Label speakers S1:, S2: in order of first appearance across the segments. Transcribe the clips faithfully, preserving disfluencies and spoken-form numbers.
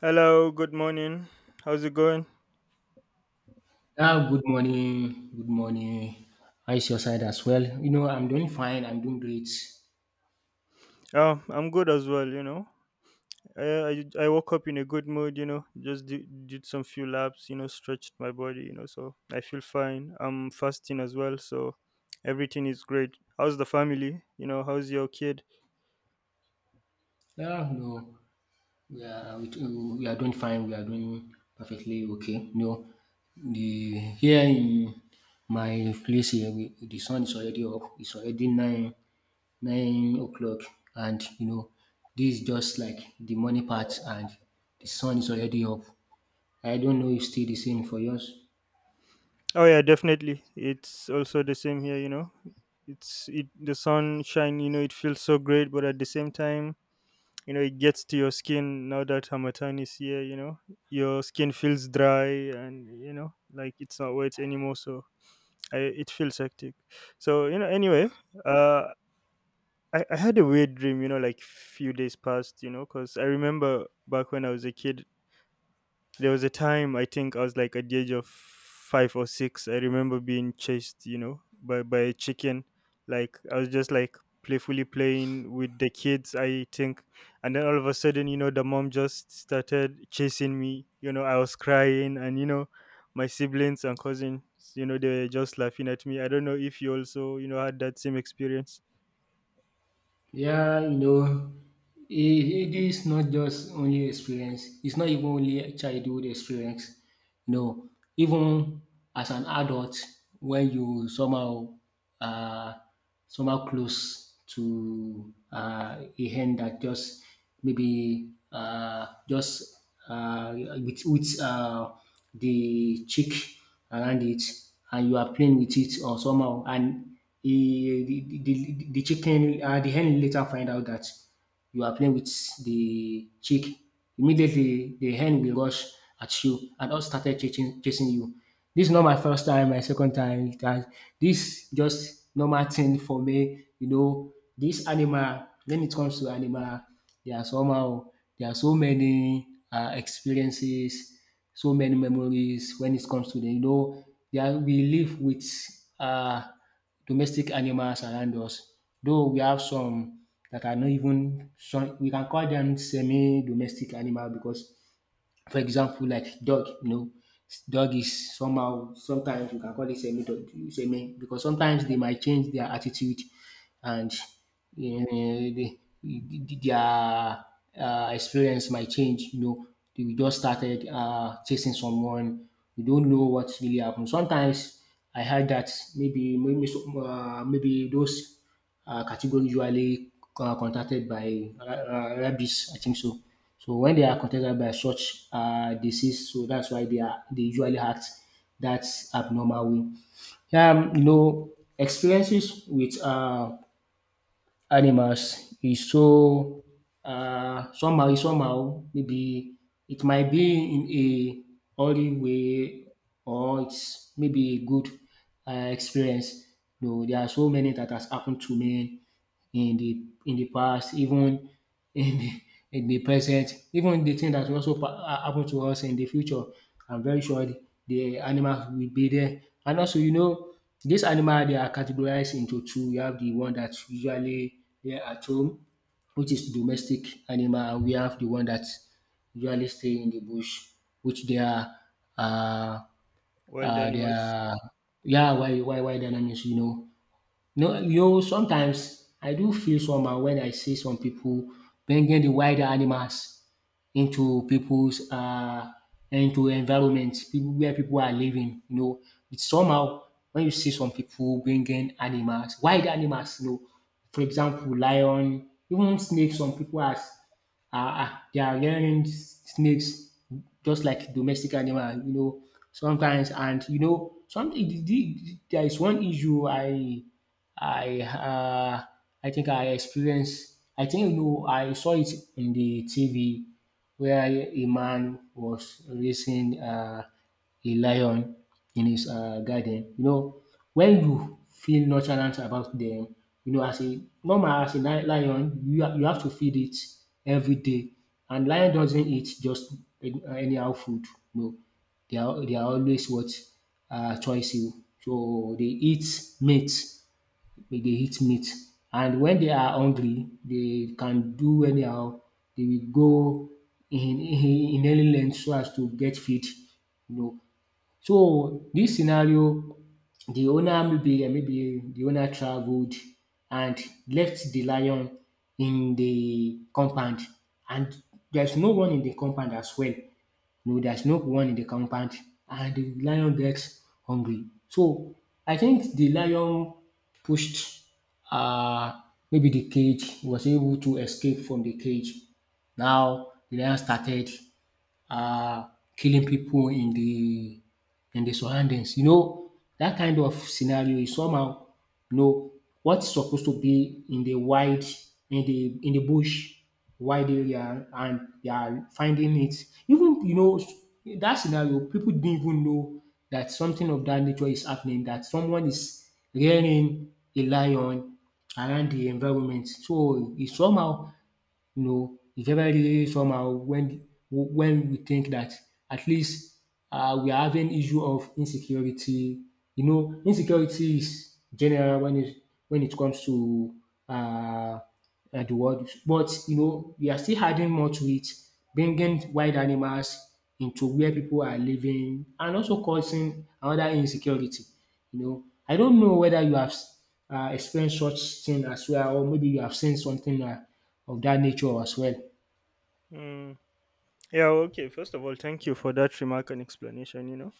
S1: Hello, good morning. How's it going?
S2: Ah, good morning. Good morning. How is your side as well? You know, I'm doing fine. I'm doing great.
S1: Oh, I'm good as well, you know. I, I, I woke up in a good mood, you know, just did, did some few laps, you know, stretched my body, you know, so I feel fine. I'm fasting as well, so everything is great. How's the family? You know, how's your kid?
S2: Yeah, no, we are we, we are doing fine. We are doing perfectly okay. No, the here in my place here, we, the sun is already up. It's already nine nine o'clock, and you know, this is just like the morning part, and the sun is already up. I don't know if still the same for yours.
S1: Oh, yeah, definitely. It's also the same here, you know. It's it the sunshine, you know, it feels so great, but at the same time, you know it gets to your skin now that Hamatan is here, you know, your skin feels dry, and you know, like, it's not wet anymore. So I, it feels hectic. So, you know, anyway, uh I, I had a weird dream, you know, like few days past, you know, because I remember back when I was a kid there was a time I think I was like at the age of five or six. I remember being chased, you know, by by a chicken. Like I was just like playfully playing with the kids, I think, and then all of a sudden, you know, the mom just started chasing me. You know, I was crying, and you know, my siblings and cousins, you know, they were just laughing at me. I don't know if you also, you know, had that same experience.
S2: Yeah, you know, it, it is not just only experience. It's not even only a childhood experience. No, even as an adult, when you somehow uh, somehow close to uh, a hand that just maybe uh, just uh, with with uh, the cheek around it and you are playing with it or somehow and he, the, the, the the chicken uh, the hen later find out that you are playing with the chick. Immediately the hen will rush at you and all started chasing, chasing you. This is not my first time, my second time it has, this just normal thing for me, you know. This animal, when it comes to animal, there are somehow there are so many uh, experiences, so many memories when it comes to the, you know, yeah, we live with uh, domestic animals around us. Though we have some that are not even, some, we can call them semi-domestic animal because, for example, like dog, you know, dog is somehow, sometimes you can call it semi-dog, semi, because sometimes they might change their attitude, and you know, they, their uh, experience might change. You know, they just started uh, chasing someone. We don't know what really happened. Sometimes I heard that maybe maybe some- uh, maybe those uh, categories usually uh, contacted by uh, uh, rabies. I think so. So when they are contacted by such uh, disease, so that's why they are they usually act that abnormal way. Um, you know, experiences with uh, animals is so uh, somehow, is somehow maybe it might be in a hurry way, or it's maybe a good um experience. No, there are so many that has happened to me in the in the past, even in the in the present, even the thing that will also pa- ha happen to us in the future, I'm very sure the the animals will be there. And also, you know, these animal they are categorized into two. You have the one that usually here at home, which is domestic animal, and we have the one that usually stay in the bush, which they are uh,
S1: Wild
S2: uh, they
S1: animals.
S2: are yeah, why why wild animals, you know. No, yo, sometimes I do feel somehow when I see some people bringing the wild animals into people's uh into environment people where people are living. You know, it's somehow when you see some people bringing animals, wild animals. You know, for example, lion, even snakes. Some people are uh, uh, they are rearing snakes just like domestic animal, you know, sometimes. And, you know, some, the- the- there is one issue I I uh, I think I experienced. I think you know I saw it in the T V where a man was racing uh, a lion in his uh, garden. You know, when you feel nonchalant about them, you know, as a normal, as a li- lion, you ha- you have to feed it every day, and lion doesn't eat just any- uh, anyhow food. No, they are they are always what uh, choice you. So they eat meat. They dey eat meat, and when they are hungry they can do anyhow. They will go in in in any length so as to get feed, you know. So this scenario, the owner, maybe maybe the owner traveled and left the lion in the compound, and there's no one in the compound as well. No, there's no one in the compound, and the lion gets hungry. So I think the lion pushed uh maybe the cage, was able to escape from the cage. Now the lion started uh, killing people in the in the surroundings. You know, that kind of scenario is somehow, you know, what's supposed to be in the wide, in the in the bush, wide area, and they are finding it. Even you know in that scenario, people didn't even know that something of that nature is happening, that someone is rearing a lion around the environment. So it's somehow, you know, it's very somehow when when we think that at least uh, we are having issue of insecurity. You know, insecurity is general when it when it comes to uh, uh, the world, but you know, we are still adding more to it, bringing wild animals into where people are living, and also causing another insecurity. You know, I don't know whether you have s- uh, experienced such thing as well, or maybe you have seen something uh, of that nature as well.
S1: Mm. Yeah, okay. First of all, thank you for that remark and explanation, you know.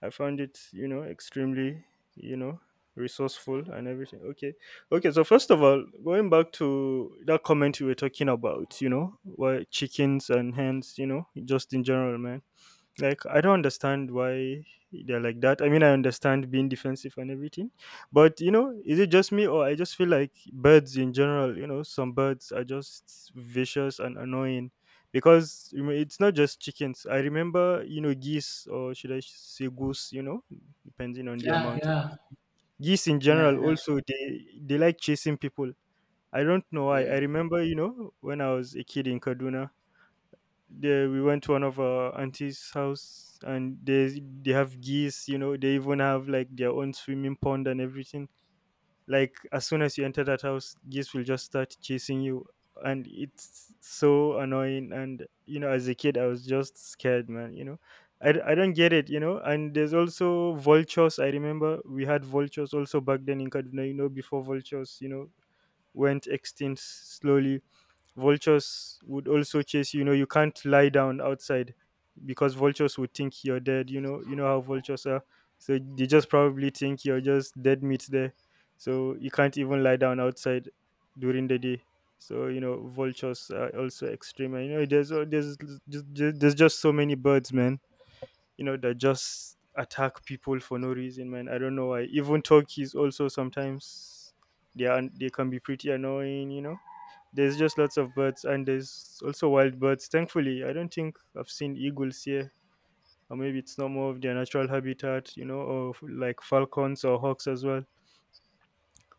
S1: I found it, you know, extremely, you know, resourceful and everything. Okay. Okay. So, first of all, going back to that comment you were talking about, you know, why chickens and hens, you know, just in general, man. Like, I don't understand why they're like that. I mean, I understand being defensive and everything, but you know, is it just me, or I just feel like birds in general? You know, some birds are just vicious and annoying, because you know, it's not just chickens. I remember, you know, geese, or should I say goose? You know, depending on the
S2: Yeah,
S1: amount.
S2: yeah,
S1: Geese in
S2: yeah,
S1: general
S2: that's
S1: also they they like chasing people. I don't know why. I
S2: yeah,
S1: remember, you know, when I was a kid in Kaduna, there we went to one of our auntie's house, and they they have geese. You know, they even have like their own swimming pond and everything. Like, as soon as you enter that house, geese will just start chasing you, and it's so annoying. And you know, as a kid, I was just scared, man. You know. I, d- I don't get it, you know. And there's also vultures. I remember we had vultures also back then in Kaduna, you know, before vultures, you know, went extinct slowly, vultures would also chase you. You know, you can't lie down outside, because vultures would think you're dead. You know, you know how vultures are. So they just probably think you're just dead meat there. So you can't even lie down outside during the day. So you know, vultures are also extreme. And, you know, there's uh, there's just, just- there's just so many birds, man. You know, that just attack people for no reason, man. I don't know why. Even turkeys also sometimes they are they can be pretty annoying. You know. There's just lots of birds, and there's also wild birds. Thankfully, I don't think I've seen eagles here, or maybe it's not more of their natural habitat, you know, or f- like falcons or hawks as well.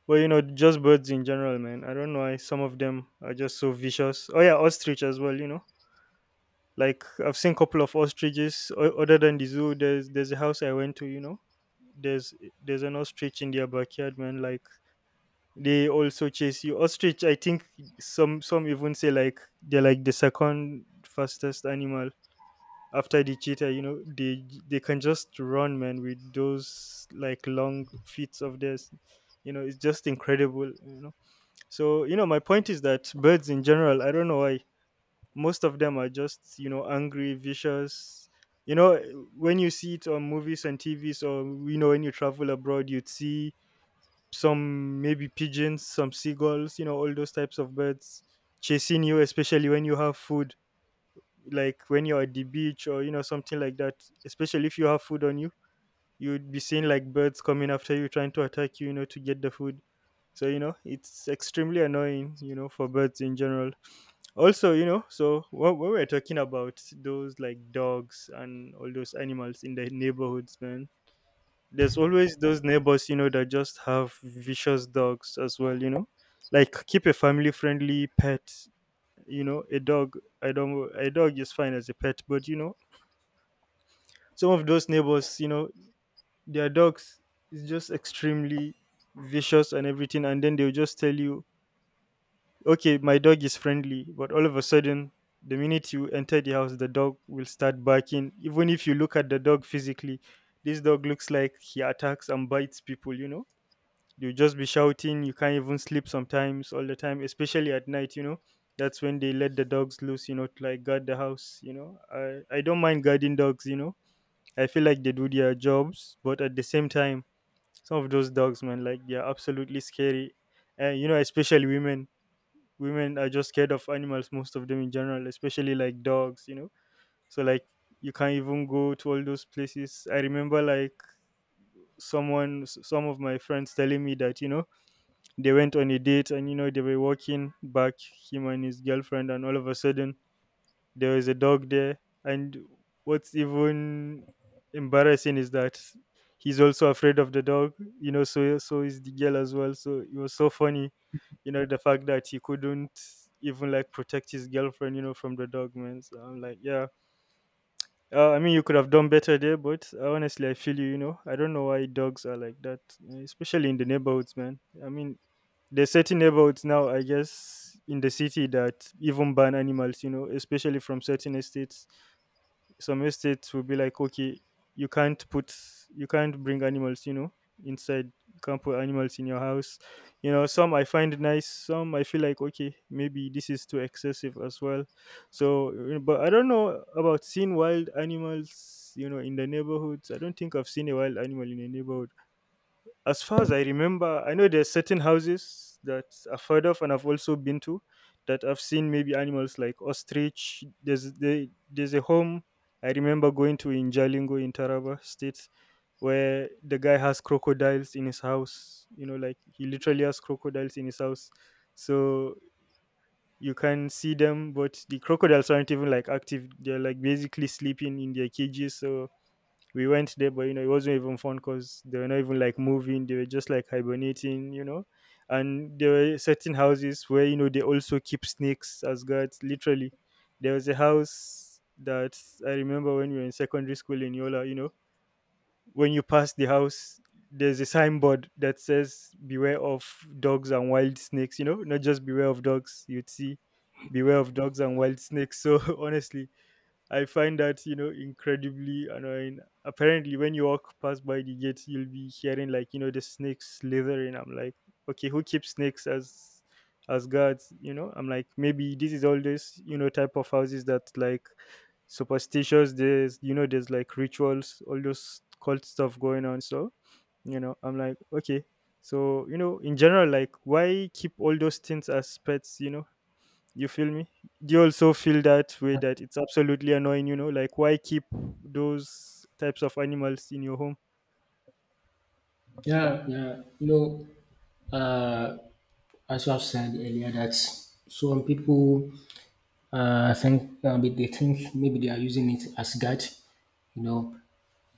S1: But you know, just birds in general, man. I don't know why some of them are just so vicious. Oh yeah, ostrich as well, you know. Like, I've seen couple of ostriches. O- other than the zoo, there's there's a house I went to, you know. There's there's an ostrich in their backyard, man. Like, they also chase you. Ostrich, I think some some even say like they're like the second fastest animal after the cheetah. You know, they they can just run, man, with those like long feet of theirs. You know, it's just incredible. You know, so you know, my point is that birds in general, I don't know why most of them are just, you know, angry, vicious. You know, when you see it on movies and T Vs, or you know, when you travel abroad, you'd see some maybe pigeons, some seagulls, you know, all those types of birds chasing you, especially when you have food, like when you're at the beach or, you know, something like that. Especially if you have food on you, you'd be seeing like birds coming after you, trying to attack you, you know, to get the food. So, you know, it's extremely annoying, you know, for birds in general. Also, you know, so when, when we're talking about those like dogs and all those animals in the neighborhoods, man, there's always those neighbors, you know, that just have vicious dogs as well, you know, like, keep a family friendly pet. You know, a dog I don't a dog is fine as a pet, but you know, some of those neighbors, you know, their dogs is just extremely vicious and everything, and then they'll just tell you, okay, my dog is friendly, but all of a sudden, the minute you enter the house, the dog will start barking. Even if you look at the dog physically, this dog looks like he attacks and bites people, you know. You'll just be shouting. You can't even sleep sometimes, all the time, especially at night, you know. That's when they let the dogs loose, you know, to like guard the house, you know. I, I don't mind guarding dogs, you know. I feel like they do their jobs, but at the same time, some of those dogs, man, like, they're absolutely scary. And, you know, especially women. Women are just scared of animals, most of them in general, especially like dogs, you know. So, like, you can't even go to all those places. I remember, like, someone s- some of my friends telling me that, you know, they went on a date, and you know, they were walking back, him and his girlfriend, and all of a sudden there was a dog there. And what's even embarrassing is that he's also afraid of the dog, you know, so so is the girl as well. So it was so funny, you know, the fact that he couldn't even like protect his girlfriend, you know, from the dog, man. So I'm like, yeah. Uh, I mean, you could have done better there, but uh, honestly, I feel you. You know, I don't know why dogs are like that, uh, especially in the neighborhoods, man. I mean, there's certain neighborhoods now, I guess, in the city that even ban animals, you know, especially from certain estates. Some estates will be like, okay, you can't put, you can't bring animals, you know, inside. You can't put animals in your house. You know, some I find nice, some I feel like, okay, maybe this is too excessive as well. So, uh, but I don't know about seeing wild animals, you know, in the neighborhoods. I don't think I've seen a wild animal in a neighborhood. As far as I remember, I know there's certain houses that I've heard of and I've also been to that I've seen maybe animals like ostrich. There's there, there's a home I remember going to in Jalingo in Taraba State, where the guy has crocodiles in his house. You know, like, he literally has crocodiles in his house. So you can see them, but the crocodiles aren't even like active. They're like basically sleeping in their cages. So we went there, but you know, it wasn't even fun, because they were not even like moving, they were just like hibernating, you know. And there were certain houses where, you know, they also keep snakes as guards, literally. There was a house that I remember when we were in secondary school in Yola, you know, when you pass the house, there's a signboard that says beware of dogs and wild snakes, you know, not just beware of dogs, you'd see beware of dogs and wild snakes. So honestly, I find that, you know, incredibly annoying. Apparently, when you walk past by the gate, you'll be hearing like, you know, the snakes slithering. I'm like, okay, who keeps snakes as as guards? You know, I'm like, maybe this is all this, you know, type of houses that like superstitious. There's, you know, there's like rituals, all those cult stuff going on. So you know, I'm like, okay. So you know, in general, like, why keep all those things as pets? You know, you feel me? Do you also feel that way that it's absolutely annoying, you know? Like, why keep those types of animals in your home?
S2: yeah, yeah. You know, uh, as you have said earlier, that some people uh think uh, they they think maybe they are using it as God, you know.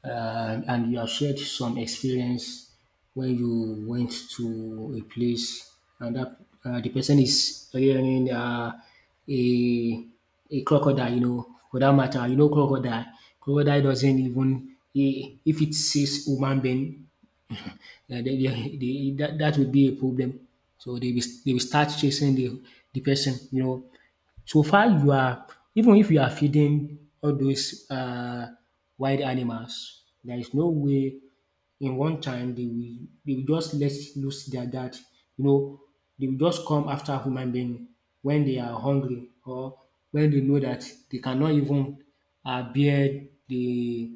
S2: uh, and you have shared some experience when you went to a place and that uh, the person is wearing uh, a a crocodile, you know, for that matter, you know, crocodile. Crocodile doesn't even i- if it sees human being, uh, they, they, they, that that would be a problem. So they will, they will start chasing the the person, you know. So far you are, even if you are feeding all those uh wild animals, there is no way in one time they will they will just let loose their guard. You know, they will just come after human being when they are hungry, or when they know that they cannot even uh bear the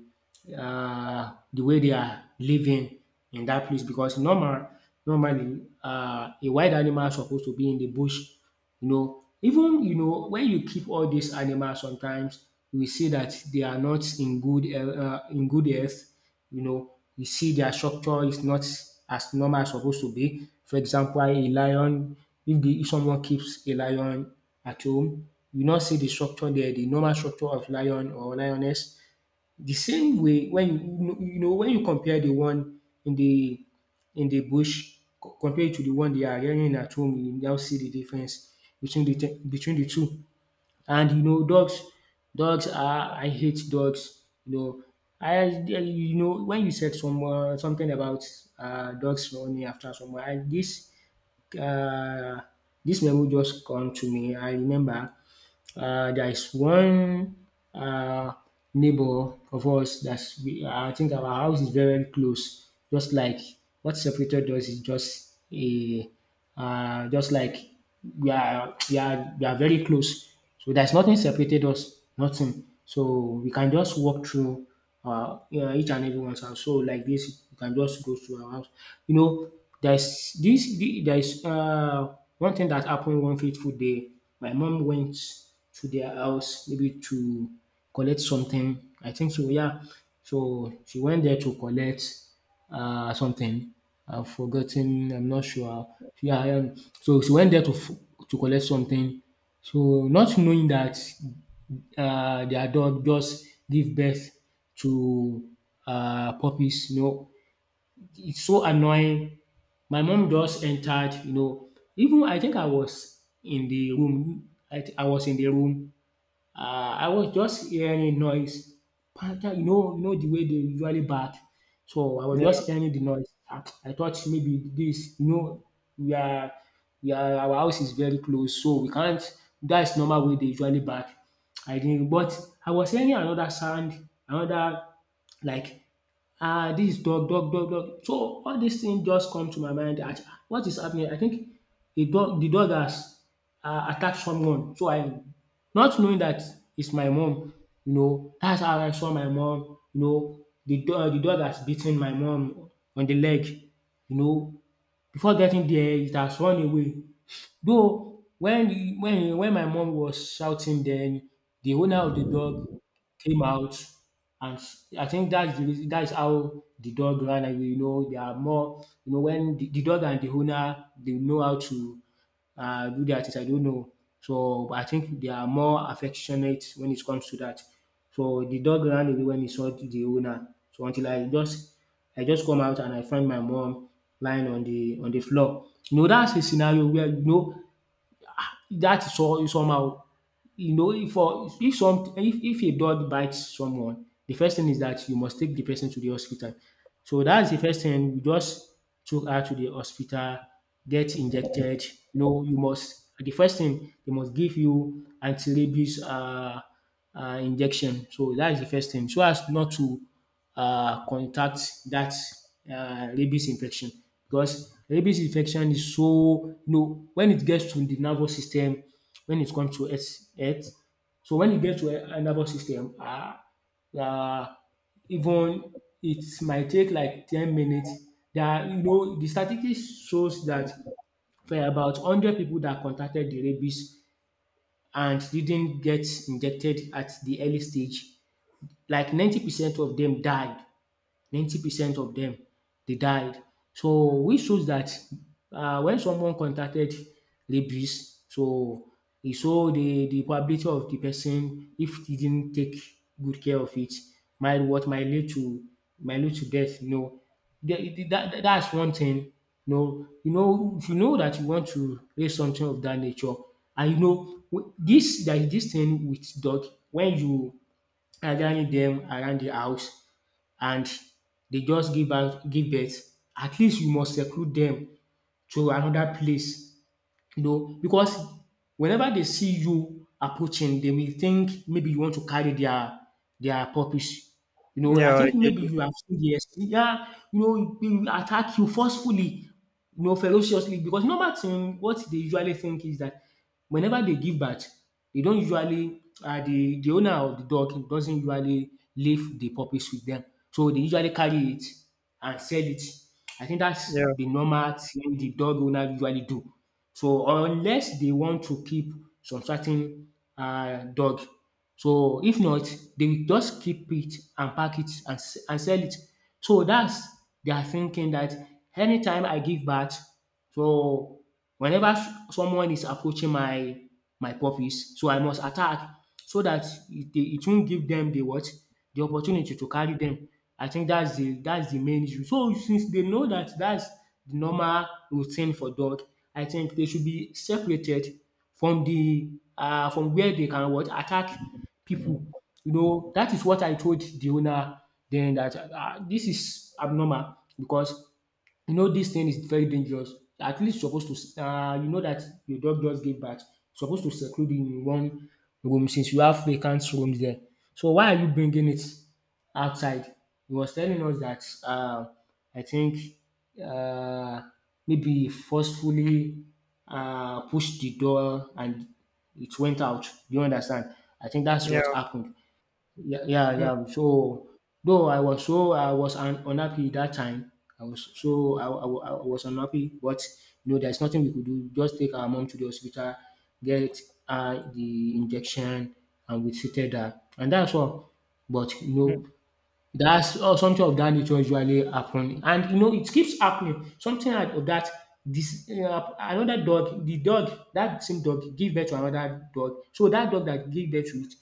S2: uh, the way they are living in that place, because normal normally uh, a wild animal is supposed to be in the bush. You know, even you know when you keep all these animals, sometimes you will see that they are not in good health- uh, in good health. You know, you see their structure is not as normal as suppose to be. For example, a lion, if the if someone keeps a lion at home, you not see the structure there, the normal structure of lion or lioness. The same way, when you you know when you compare the one in the in the bush, co- compared to the one they are rearing at home, you now see the difference between the te- between the two. And you know, dogs, dogs are I hate dogs. You know, I you know when you said some uh, something about uh, dogs running after someone, I, this uh, this memo just come to me. I remember uh, there is one uh, neighbor of us that's we, I think our house is very close. Just like what separated us is just a uh, just like we are we are we are very close. So there's nothing separated us, nothing. So we can just walk through uh, yeah, each and everyone's house. So like this, you can just go to our house. You know, there's this the- there's uh one thing that happened one fateful day. My mom went to their house maybe to collect something. I think so, yeah. So she went there to collect uh, something. I've forgotten. I'm not sure. Yeah, um, so she went there to f- to collect something. So not knowing that uh, the adult just give birth to uh, puppies, you know, it's so annoying. My mom just entered, you know. Even I think I was in the room. I, th- I was in the room. um I was just hearing noise, Panther, you know, you know the way they usually bark. So I was
S1: Yeah,
S2: just hearing the noise, um I thought maybe this, you know, we are we are our house is very close, so we can't. That's normal way they usually bark. I didn't, but I was hearing another sound, another, like, um dis dog dog dog dog. So all these things just come to my mind, dat um what is happening? I think the dog the dog has um attacked someone. So I, not knowing that it's my mom, you know, that's how I saw my mom. You know, the dog the dog has beaten my mom on the leg, you know. Before getting there it has run away. Though when when when my mom was shouting then, the owner of the dog came out, and s- I think that's the reason, that's how the dog ran away. You know, they are more, you know, when the, the dog and the owner, they know how to uh, do their things. I don't know. So I think they are more affectionate when it comes to that. So the dog ran away when he saw the owner. So until I just I just come out and I find my mom lying on the on the floor. You know that's a scenario where you know that is all somehow. You know if for if some if if a dog bites someone, the first thing is that you must take the person to the hospital. So that's the first thing. We just took her to the hospital, get injected. You know, you must, the first thing they must give you anti-rabies uh, uh, injection. So that is the first thing, so as not to uh, contact that uh, rabies infection, because rabies infection is so, you know, when it gets to the nervous system, when it comes to health, health. So when it gets to a a nervous system, ah, yeah, even it might take like ten minutes. There are, you know, the statistics shows that for about one hundred people that contracted the rabies and didn't get injected at the early stage. Like ninety percent of them died. ninety percent of them, they died. So which shows that um wen someone contacted rabies, so e show the the probability of the person, if he didn't take good care of it, might what might lead to, might lead to death, you know. The- the- that, that that's one thing, you know. You know, if you know that you want to raise something of that nature, and you know w- this that this thing with dog, when you gathering them around the house, and they just give out give birth, at least you must seclude them to another place, you know, because whenever they see you approaching, they will think maybe you want to carry their their purpose. You know, I
S1: yeah, I
S2: think
S1: get
S2: maybe
S1: you.
S2: you have seen the ex- yeah, you know, they will attack you forcefully, you know, ferociously. Because normal thing, what they usually think is that whenever they give birth, they don't usually uh, the the owner of the dog doesn't usually leave the puppies with them, so they usually carry it and sell it. I think that's
S1: Yeah,
S2: the normal thing the dog owner usually do. So unless they want to keep some certain uh, dog. So if not, they will just keep it and pack it and, s- and sell it. So that's their thinking that anytime I give birth, so whenever s- someone is approaching my, my puppies, so I must attack, so that it dey it won't give them the what? The opportunity to carry them. I think that's the that's the main issue. So since they know that that's the normal routine for dog, I think they should be separated from the uh from where they can, what? Attack people. You know, that is what I told the owner then that um dis is abnormal, because you know this thing is very dangerous. At least you suppose to uh, you know, that your dog just gave birth, you suppose to seclude in one room since you have vacant rooms there. So why are you bringing it outside? He was telling us that, uh, I think uh, maybe forcefully uh, pushed the door and it went out. Do you understand? I think that's what
S1: yeah.
S2: happened. Yeah, yeah,
S1: Mm,
S2: yeah. So though I was so I was un- unhappy that time. I was so I, I, I was unhappy, but you know, there's nothing we could do. Just take our mom to the hospital, get uh, the injection, and we treated her, and that's all. But you
S1: mm,
S2: know, that's uh, something of that nature usually happen, and you know, it keeps happening. Something like of that. This uh, another dog, the dog that same dog give birth to another dog. So that dog that give birth to it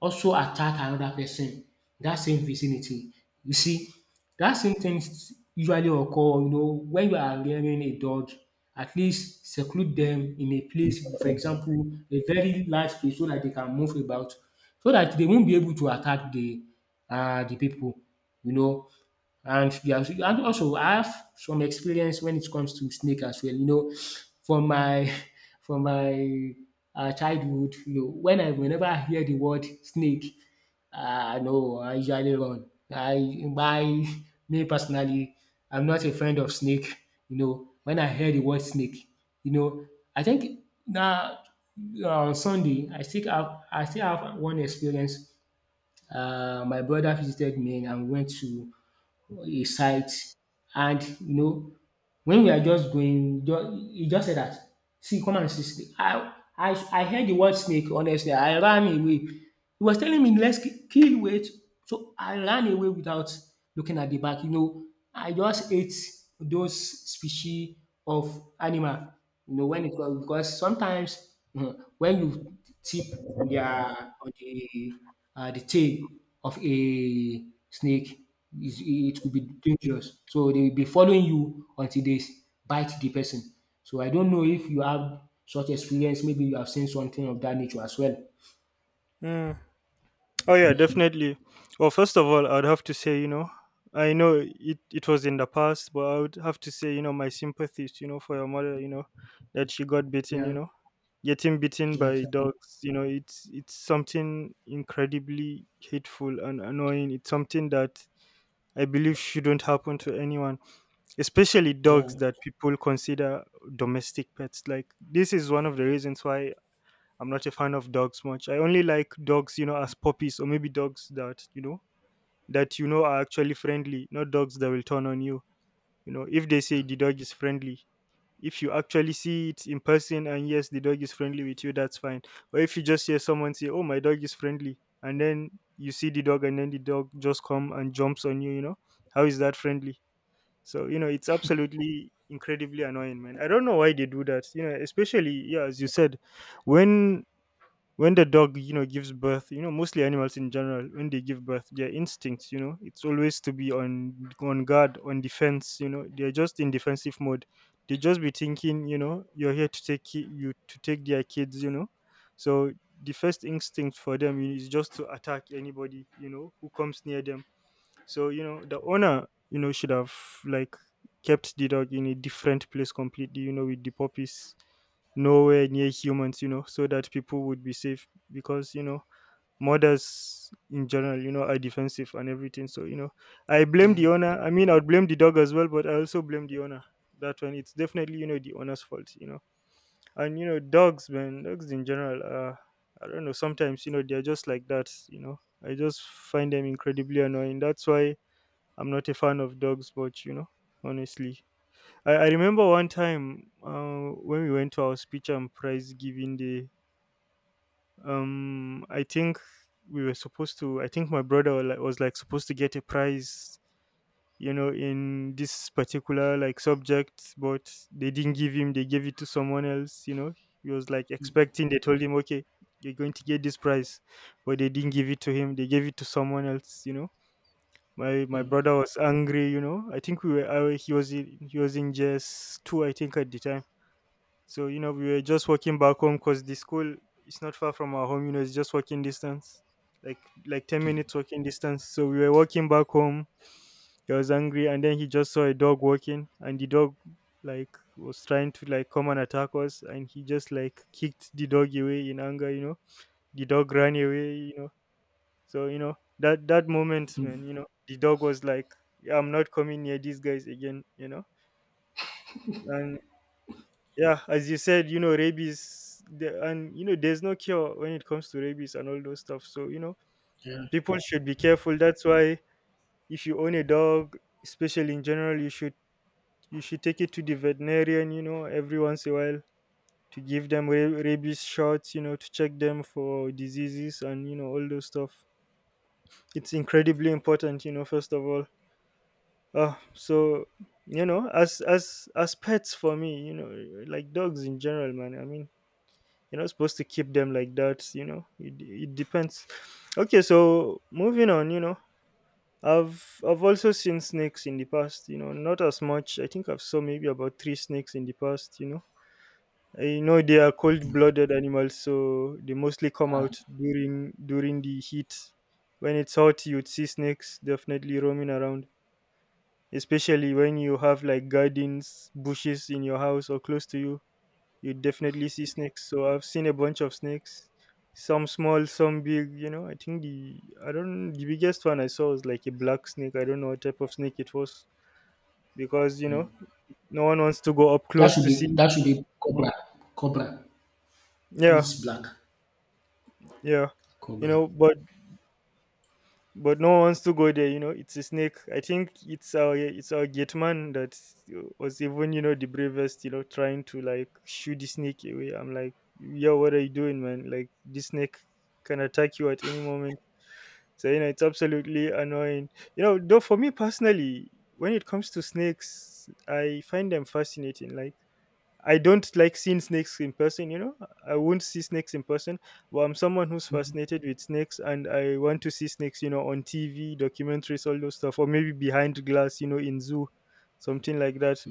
S2: also attack another person that same vicinity. You see, that same things usually occur, you know, when you are rearing a dog, at least seclude them in a place, for example, a very large place so that they can move about, so that they won't be able to attack the uh, the people, you know. And they and also I have some experience when it comes to snake as well. You know, from my from my um childhood, you know, when I whenever I hear the word snake, ah no, I usually run. I my Me personally, I'm not a friend of snake. You know, when I hear the word snake, you know, I think na uh, on Sunday I still have I still have one experience. Uh, my brother visited me and we went to a site, and you know, when we are just going ju- he just said that, see, come and see snake. I I I heard the word snake, honestly, I ran away. He was telling me, let's ki- kill, wait. So I ran away without looking at the back, you know. I just ate those species of animal, you know, when it was, because sometimes um when you tip on their, on the um the tail of a snake, is it could be dangerous. So they will be following you until they bite the person. So I don't know if you have such experience. Maybe you have seen something of that nature as well.
S1: mm. Oh, yeah, definitely. Well, first of all, I'd have to say, you know, I know it, it was in the past, but I would have to say, you know, my sympathies, you know, for your mother, you know, that she got bitten, you
S2: Yeah,
S1: know. Getting bitten
S2: yeah,
S1: by dogs, you know it's it's something incredibly hateful and annoying. It's something that I believe shouldn't happen to anyone, especially dogs
S2: yeah,
S1: that people consider domestic pets. Like, this is one of the reasons why I'm not a fan of dogs much. I only like dogs, you know as puppies, or maybe dogs that you know that you know are actually friendly, not dogs that will turn on you you know, If they say the dog is friendly, if you actually see it in person and yes, the dog is friendly with you, that's fine. Or if you just hear someone say, "Oh, my dog is friendly," and then you see the dog and then the dog just come and jumps on you, you know, How is that friendly? So, you know, it's absolutely incredibly annoying, man. I don't know why they do that. You know, especially, yeah, as you said, when when the dog you know gives birth. you know mostly animals in general, when they give birth, their instincts, you know it's always to be on on guard, on defense. you know they're just in defensive mode. They just be thinking, you know you're here to take ki- you to take their kids you know so the first instinct for them is just to attack anybody you know who comes near them. So, you know the owner, you know, should have, like, kept the dog in a different place completely. You know, with the puppies nowhere near humans. You know, so that people would be safe, because you know murders in general, you know, are defensive and everything. So, you know, I blame
S2: yeah,
S1: the owner. I mean, I would blame the dog as well, but I also blame the owner. That one, it's definitely you know the owner's fault. You know, and you know dogs, man, dogs in general are. I don't know. Sometimes, you know they're just like that. You know, I just find them incredibly annoying. That's why I'm not a fan of dogs much, you know, honestly. I, I remember one time, uh, when we went to our speech and prize giving day. Um, I think we were supposed to. I think my brother was like, was like supposed to get a prize, you know, in this particular like subject, but they didn't give him. They gave it to someone else. You know, he was like expecting. They told him, okay, you're going to get this prize, but they didn't give it to him. They gave it to someone else. You know my my
S2: mm,
S1: brother was angry you know i think we were I, he was in, he was in js two, I think, at the time. So, you know we were just walking back home, because the school is not far from our home. You know it's just walking distance, like, like ten
S2: yeah,
S1: minutes walking distance, so we were walking back home. He was angry, and then he just saw a dog walking, and the dog, like, was trying to, like, come and attack us, and he just, like, kicked the dog away in anger you know The dog ran away you know So, you know that that moment, man. You know the dog was like, "Yeah, I'm not coming near these guys again." You know, and, yeah, as you said, you know rabies, the, and you know there's no cure when it comes to rabies and all those stuff. So, you know
S2: yeah.
S1: people— yeah —should be careful. That's why, if you own a dog, especially in general, you should you should take it to the veterinarian. You know every once in a while, to give them ra- rabies shots. You know to check them for diseases and you know all those stuff. It's incredibly important. You know first of all. Uh, so you know, as as as pets for me, you know, like dogs in general, man. I mean, you're not supposed to keep them like that. You know, it it depends. Okay, so moving on. You know, I've I've also seen snakes in the past. You know, not as much. I think I've saw maybe about three snakes in the past. You know, I know they are cold-blooded animals, so they mostly come out during during the heat. When it's hot, you'd see snakes definitely roaming around, especially when you have, like, gardens, bushes in your house or close to you, you definitely see snakes. So I've seen a bunch of snakes, some small, some big. You know, I think the I don't the biggest one I saw was like a black snake. I don't know what type of snake it was, because you know no one wants to go up
S2: That
S1: close
S2: should
S1: to
S2: be,
S1: see.
S2: that should be cobra. Cobra.
S1: Yeah,
S2: It's black.
S1: yeah, you
S2: Cobra.
S1: know, but but no one wants to go there. You know, it's a snake. I think it's our it's our gate man that was even, you know the bravest. You know, trying to, like, shoot the snake away. I'm like, yo, what are you doing, man? Like, this snake can attack you at any moment. So, you know, it's absolutely annoying. You know, though for me personally, when it comes to snakes, I find them fascinating. Like, I don't like seeing snakes in person, you know. I won't see snakes in person, but I'm someone who's fascinated with snakes and I want to see snakes, you know, on T V, documentaries, all those stuff, or maybe behind glass, you know, in zoo, something like that.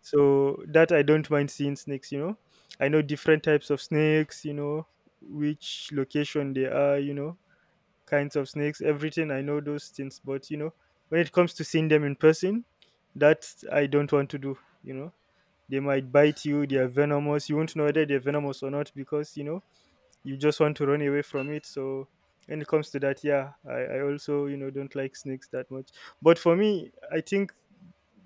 S1: So that I don't mind seeing snakes, you know. I know different types of snakes, you know, which location they are, you know, kinds of snakes, everything. I know those things, but you know, when it comes to seeing them in person, that I don't want to do, you know they might bite you, they are venomous. You won't know whether they're venomous or not, because you know you just want to run away from it. So, when it comes to that, yeah, i, I also you know don't like snakes that much. But for me, I think,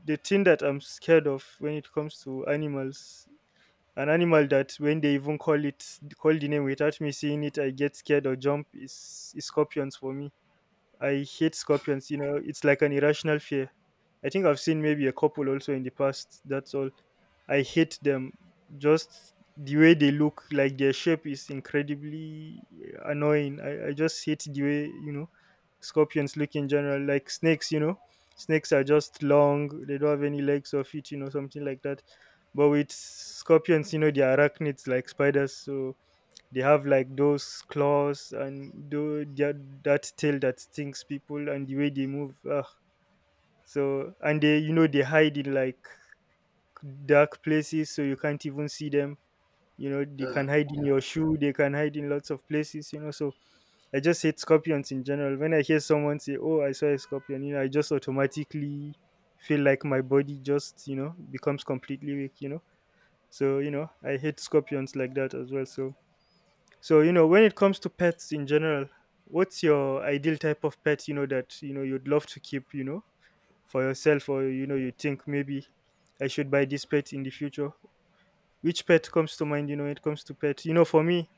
S1: the thing that I'm scared of when it comes to animals, an animal that when they even call it, call the name without me seeing it, I get scared or jump, is, is scorpions for me. I hate scorpions, you know, it's like an irrational fear. I think I've seen maybe a couple also in the past, that's all. I hate them. Just the way they look, like, their shape is incredibly annoying. I, I just hate the way, you know, scorpions look in general. Like snakes, you know, snakes are just long, they don't have any legs or feet, you know, something like that. But with scorpions, you know, they are arachnids like spiders, so they have, like, those claws and tho- their, that tail that stings people, and the way they move. Ugh. So, and they you know they hide in, like, dark places, so you can't even see them. You know they can
S2: Uh,
S1: hide in
S2: yeah.
S1: your shoe. They can hide in lots of places. You know so I just hate scorpions in general. When I hear someone say, "Oh, I saw a scorpion," you know I just automatically feel like my body just you know becomes completely weak. You know so, you know I hate scorpions like that as well. So so, you know, when it comes to pets in general, what's your ideal type of pet, you know, that, you know, you'd love to keep, you know, for yourself, or, you know, you think maybe I should buy this pet in the future? Which pet comes to mind, you know, when it comes to pets? You know, for me,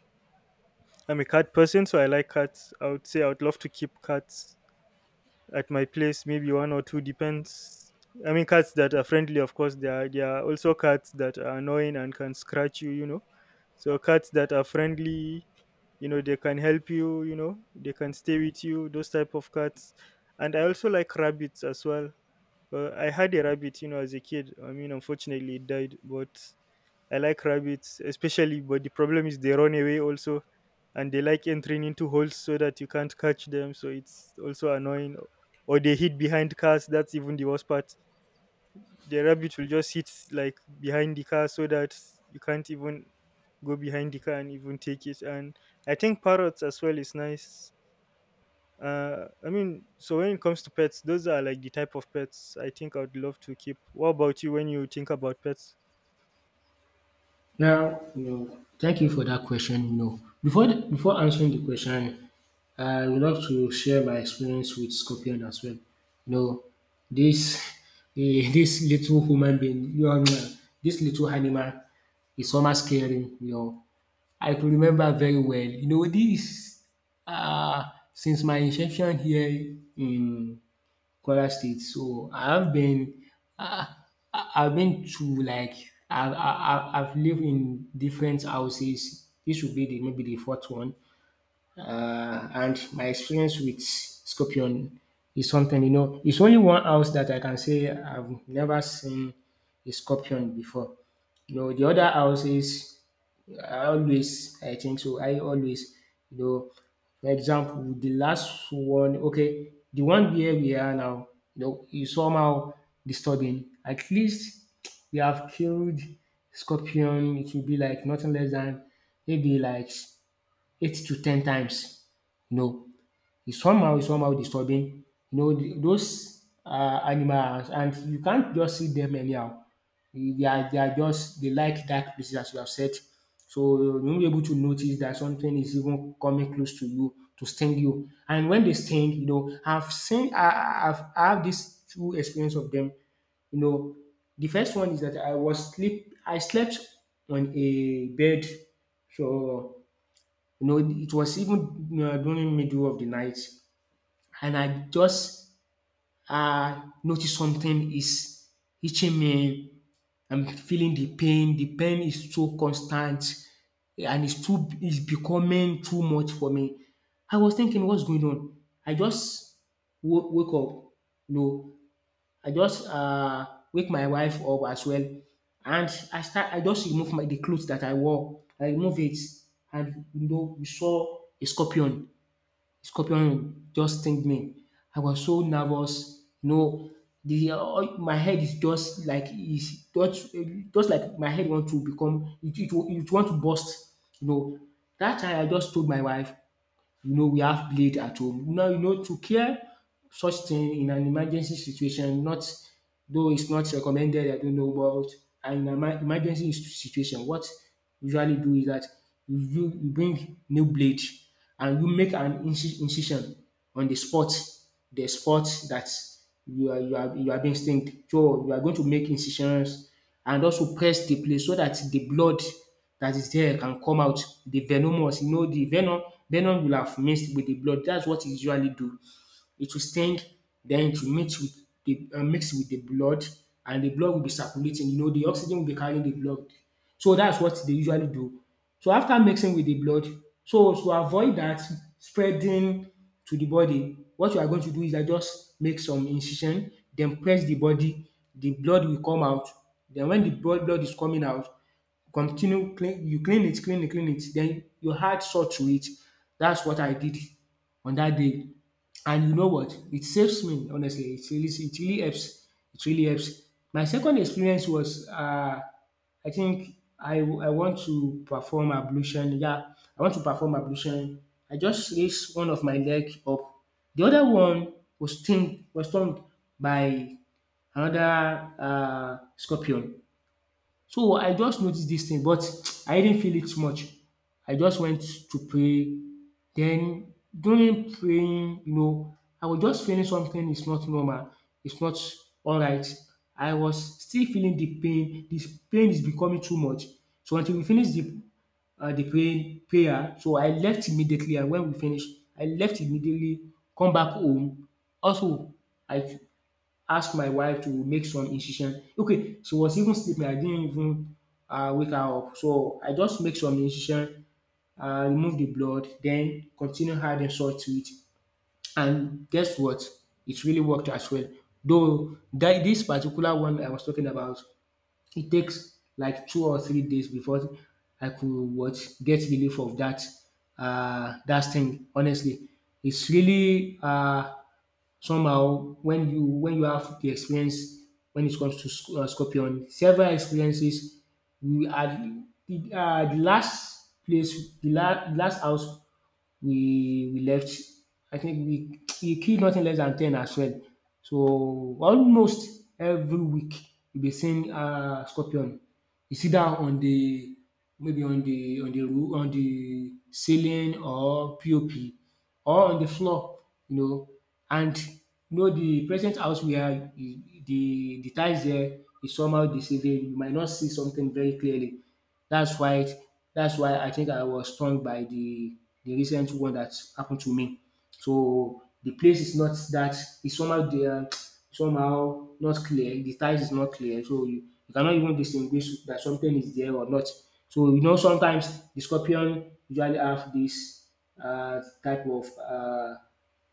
S1: I'm a cat person, so I like cats. I would say I would love to keep cats at my place, maybe one or two, depends. I mean, cats that are friendly, of course, there are, there are also cats that are annoying and can scratch you, you know. So, cats that are friendly, you know they can help you you know They can stay with you, those type of cats. And I also like rabbits as well. uh, I had a rabbit, you know as a kid. I mean, unfortunately it died. But I like rabbits especially. But the problem is they run away also, and they like entering into holes so that you can't catch them, so it's also annoying. Or they hid behind cars. That's even the worst part. The rabbit will just sit like behind the car so that you can't even go behind the car and even take it. And I think parrots as well is nice. uh I mean, so when it comes to pets, those are like the type of pets I think I would love to keep. What about you when you think about pets?
S2: Now, you know, thank you for that question. You know, before the, before answering the question, I would love to share my experience with scorpion as well. You know, this eh, this little human being, you know, this little animal is somehow scaring. You know, I could remember very well. You know, this uh, since my inception here in Kwara State. So, I have been, I I I've been to like I've I've I've lived in different houses. This will be the maybe the fourth one. Uh, and my experience with scorpion is something, you know, it's only one house that I can say I've never seen a scorpion before. You know, the other houses, I always I think so. I always, you know, for example, the last one, okay, the one where we are now, you know, is somehow disturbing. At least we have killed scorpion. It will be like nothing less than maybe like eight to ten times. No, it's somehow it's somehow disturbing. You know the those um animals, and you can't just see them anyhow. They are they are just They like dark places, as you have said. So you won't be able to notice that something is even coming close to you to sting you. And when they sting, you know, I've seen I I've I have this two experience of them. You know, the first one is that I was sleep I slept on a bed. So you know, it was even um during middle of the night, and I just uh, notice something is itching me. I'm feeling the pain. The pain is so constant, and it's too it's becoming too much for me. I was thinking, what's going on? I just wo- wake up. No, I just uh, wake my wife up as well, and I start. I just remove my, the clothes that I wore. I remove it, and you know, we saw a scorpion, scorpion just sting me. I was so nervous, you know, the all my head is just like, is just just like my head want to become, it it it want to burst, you know. Dat time I just told my wife, you know, we have blade at home. Now, you know, to care such thing in an emergency situation, not though it's not recommended, I don't know, but in an emer- emergency situation, what you usually do is that you, you you bring new blade and you make an inci- incision on the spot, the spot that you are you are you are being stinged. So you are going to make incisions, and also press the place so that the blood that is there can come out. The venomous, you know, the venom, venom will have mixed with the blood. That's what e usually do. It will sting, then it will mix with the uh, mix with the blood, and the blood will be circulating. You know, the oxygen will be carrying the blood. So that's what they usually do. So after mixing with the blood, so to avoid that spreading to the body, what you are going to do is that just make some incision, then press the body, the blood will come out. Then when the blood blood is coming out, continue clean you clean it, clean it, clean it, then you add salt to it. That's what I did on that day. And you know what? It saves me, honestly. It really it really helps. It really helps. My second experience was uh I think I I want to perform ablution. Yeah, I want to perform ablution. I just raised one of my leg up. The other one was stung was stung by another uh scorpion. So I just noticed this thing but I didn't feel it much. I just went to pray. Then during praying, you know, I was just feeling something is not normal. It's not alright. I was still feeling the pain. This pain is becoming too much. So until we finish the um the praying prayer, so I left immediately, and when we finish, I left immediately, come back home. Also, I ask my wife to make some incision. Okay, she was even sleeping. I didn't even uh, wake her up. So I just make some incision, uh, remove the blood, then continue adding salt to it. And guess what? It really worked as well. Though that this particular one I was talking about, it takes like two or three days before I could what get relief of that uh, that thing. Honestly, it's really uh, somehow when you when you have the experience when it comes to sc- uh, scorpion several experiences. We are the, uh, the last place the, la- the last house we we left, I think we we killed nothing less than ten as well. So almost every week we be seeing um scorpion. It's either on the maybe on the on the roo on the ceiling or POP or on the floor, you know. And you know the present house we are, the the the tiles there is somehow deceiving. You might not see something very clearly. That's why that's why I think I was stung by the the recent one that happened to me. So the place is not that, it's somehow there, somehow not clear. The ties is not clear, so you, you cannot even distinguish that something is there or not. So you know sometimes the scorpion usually have this uh, type of uh,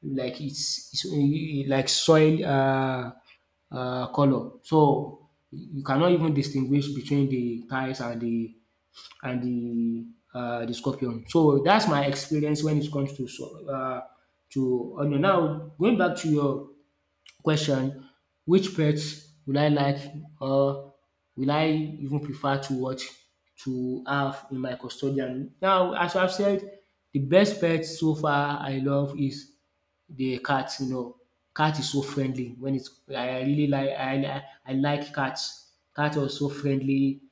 S2: like it's, it's eh, like soil uh, uh, color. So you cannot even distinguish between the ties and the and the uh, the scorpion. So that's my experience when it comes to so uh, to onion. Now going back to your question, which pets would I like, or will I even prefer to what to have in my custodian? Now, as I've said, the best pet so far I love is the cat. You know, cat is so friendly. When it's I I really like I I I like cats. Cats are so friendly,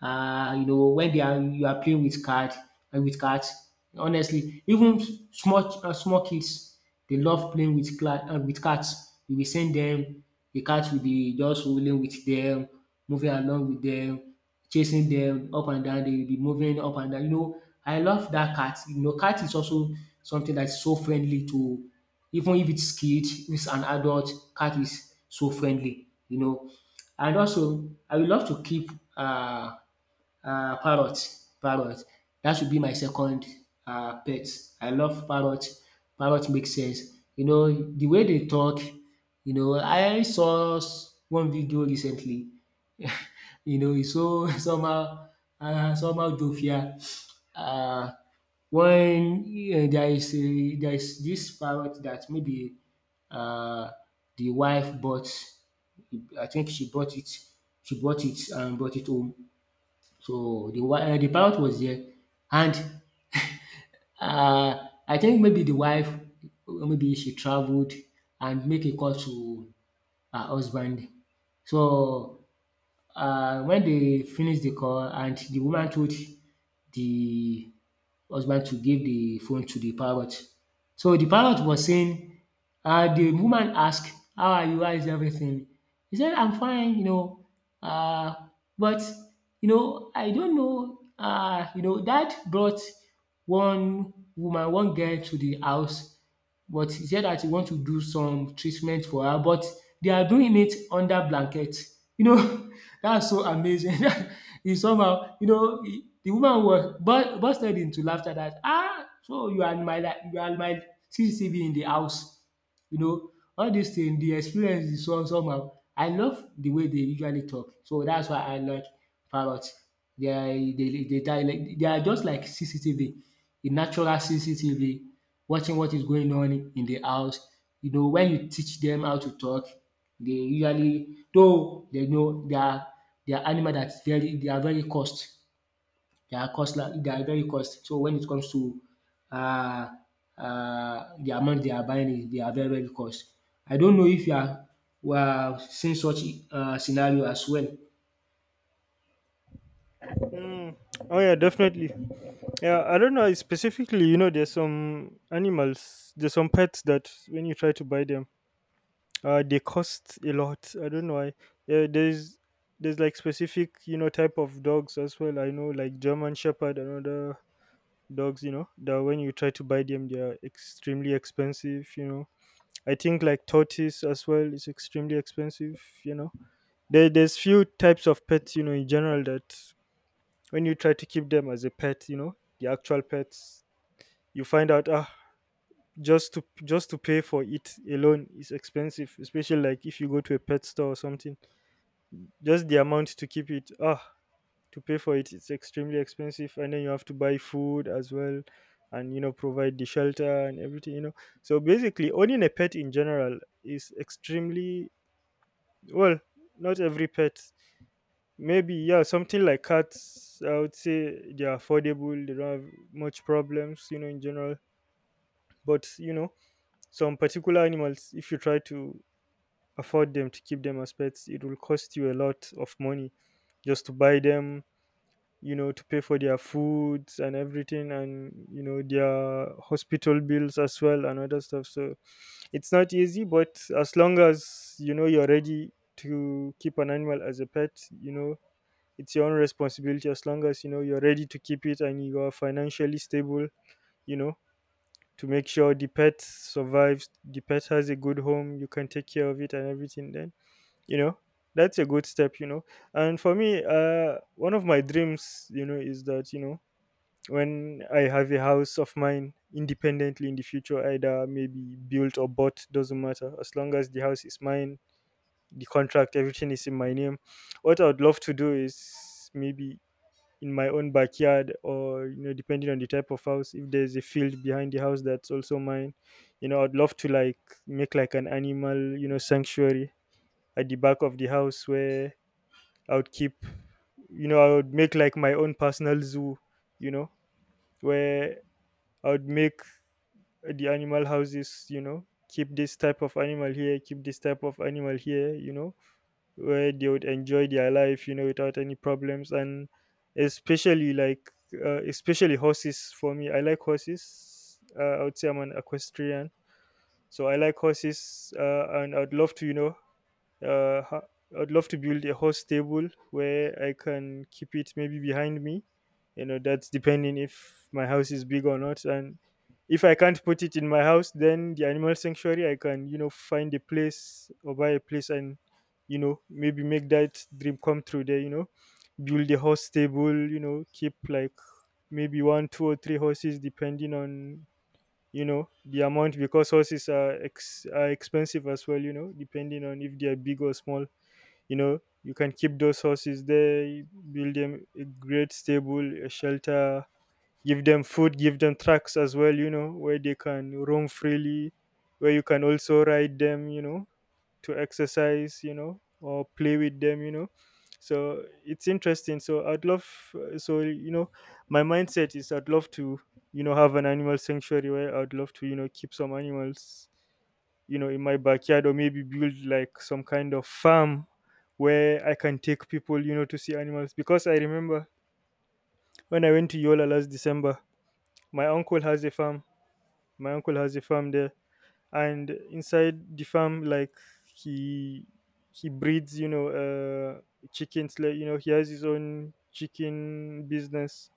S2: uh, you know when they are you are playing with card, uh, with cards. Honestly, even small uh, small kids, they love playing with cla- uh, with cards. You will send them, the cats will be just rolling with them, moving along with them, chasing them up and down. They will be moving up and down. You know, I love that cat. You know, cat is also something that's so friendly to, even if it's kid, if it's an adult, cat is so friendly. You know, and also I would love to keep uh um parrot parrot That should be my second um pet. I love parrot. Parrot makes sense. You know the way they talk, you know I saw s- one video recently. You know it's so somehow um somehow jovial. um when, um there is a there is this parrot that maybe, um the wife bought, I think she bought it she bought it and brought it home. So the wi uh, the pilot was there, and um I think maybe the wife, uh, maybe she traveled and make a call to her husband. So uh when they finish the call, and the woman told the husband to give the phone to the parrot. So the parrot was saying, uh, the woman asked, “How are you? How is everything?” He said, “I'm fine, you know, Uh, but you know I don't know. Uh, you know dad brought one woman, one girl to the house, but she said that he want to do some treatment for her, but they are doing it under blanket.” You know, that's so amazing. He somehow, you know, he- the woman was burst bursted into laughter. That, “Ah! So you are my, like you are my C C T V in the house.” You know, all dis thing. The experience is some somehow. I love the way they usually talk, so that's why I like parrot. Dia dey they they, dialect, they are just like C C T V, a natural C C T V watching what is going on in the house. You know when you teach them how to talk, they usually, though they know they are, they are animal that very, they are very cost. They are costler, they are very cost. So when it comes to um um the amount they are buying is- they are very very cost. I don't know if you are were are seeing such um scenario as well.
S1: Mm. Oh, yeah, definitely. Yeah, I don't know specifically, you know. There's some animals there's some pets that, when you try to buy them, Uh, they cost a lot. I don't know why. Uh, there's there's like specific, you know, type of dogs as well. I know like German Shepherd and other dogs. You know that when you try to buy them, they are extremely expensive, you know. I think like tortoise as well is extremely expensive. You know, there, there's few types of pets, you know, in general, that when you try to keep them as a pet, you know, the actual pets, you find out, ah, just to just to pay for it alone is expensive, especially like if you go to a pet store or something. Just the amount to keep it, ah, to pay for it, it's extremely expensive. And then you have to buy food as well, and you know provide the shelter and everything. You know, so basically owning a pet in general is extremely well. Not every pet. Maybe, yeah, something like cats. I would say they are affordable. They don't have much problems, you know, in general. But you know, some particular animals, if you try to afford them to keep them as pets, it will cost you a lot of money just to buy them, you know, to pay for their foods and everything, and you know their hospital bills as well, and other stuff. So it's not easy. But as long as you know you're ready to keep an animal as a pet, you know, it's your own responsibility. As long as you know you're ready to keep it and you are financially stable, you know, to make sure the pet survives, the pet has a good home, you can take care of it and everything, then, you know, that's a good step, you know. And for me, uh one of my dreams, you know, is that, you know, when I have a house of mine independently in the future, either maybe built or bought, doesn't matter. As long as the house is mine, the contract, everything is in my name, what I would love to do is maybe in my own backyard, or, you know, depending on the type of house, if there's a field behind the house that's also mine, you know, I'd love to like make like an animal, you know, sanctuary at the back of the house, where I would keep, you know, I would make like my own personal zoo, you know, where I would make the animal houses, you know, keep this type of animal here, keep this type of animal here, you know, where they would enjoy their life, you know, without any problems. And especially like, uh, especially horses for me. I like horses. Uh, I would say I'm an equestrian. So I like horses, uh, and I'd love to, you know, uh, ho- I'd love to build a host table where I can keep it maybe behind me. You know, that's depending if my house is big or not. And if I can't put it in my house, then the animal sanctuary, I can, you know, find a place or buy a place and, you know, maybe make that dream come true there, you know, build a horse stable, you know, keep like maybe one, two, or three horses depending on, you know, the amount, because horses are, ex- are expensive as well, you know, depending on if they are big or small. You know, you can keep those horses there, you build them a great stable, a shelter, give them food, give them tracks as well, you know, where they can roam freely, where you can also ride them, you know, to exercise, you know, or play with them, you know. So it's interesting. So I'd love, so, you know, my mindset is I'd love to, you know, have an animal sanctuary where I'd love to, you know, keep some animals, you know, in my backyard, or maybe build like some kind of farm where I can take people, you know, to see animals. Because I remember when I went to Yola last December, my uncle has a farm. My uncle has a farm there. And inside the farm, like, he he breeds, you know, uh chickens. Like, you know, he has his own chicken business,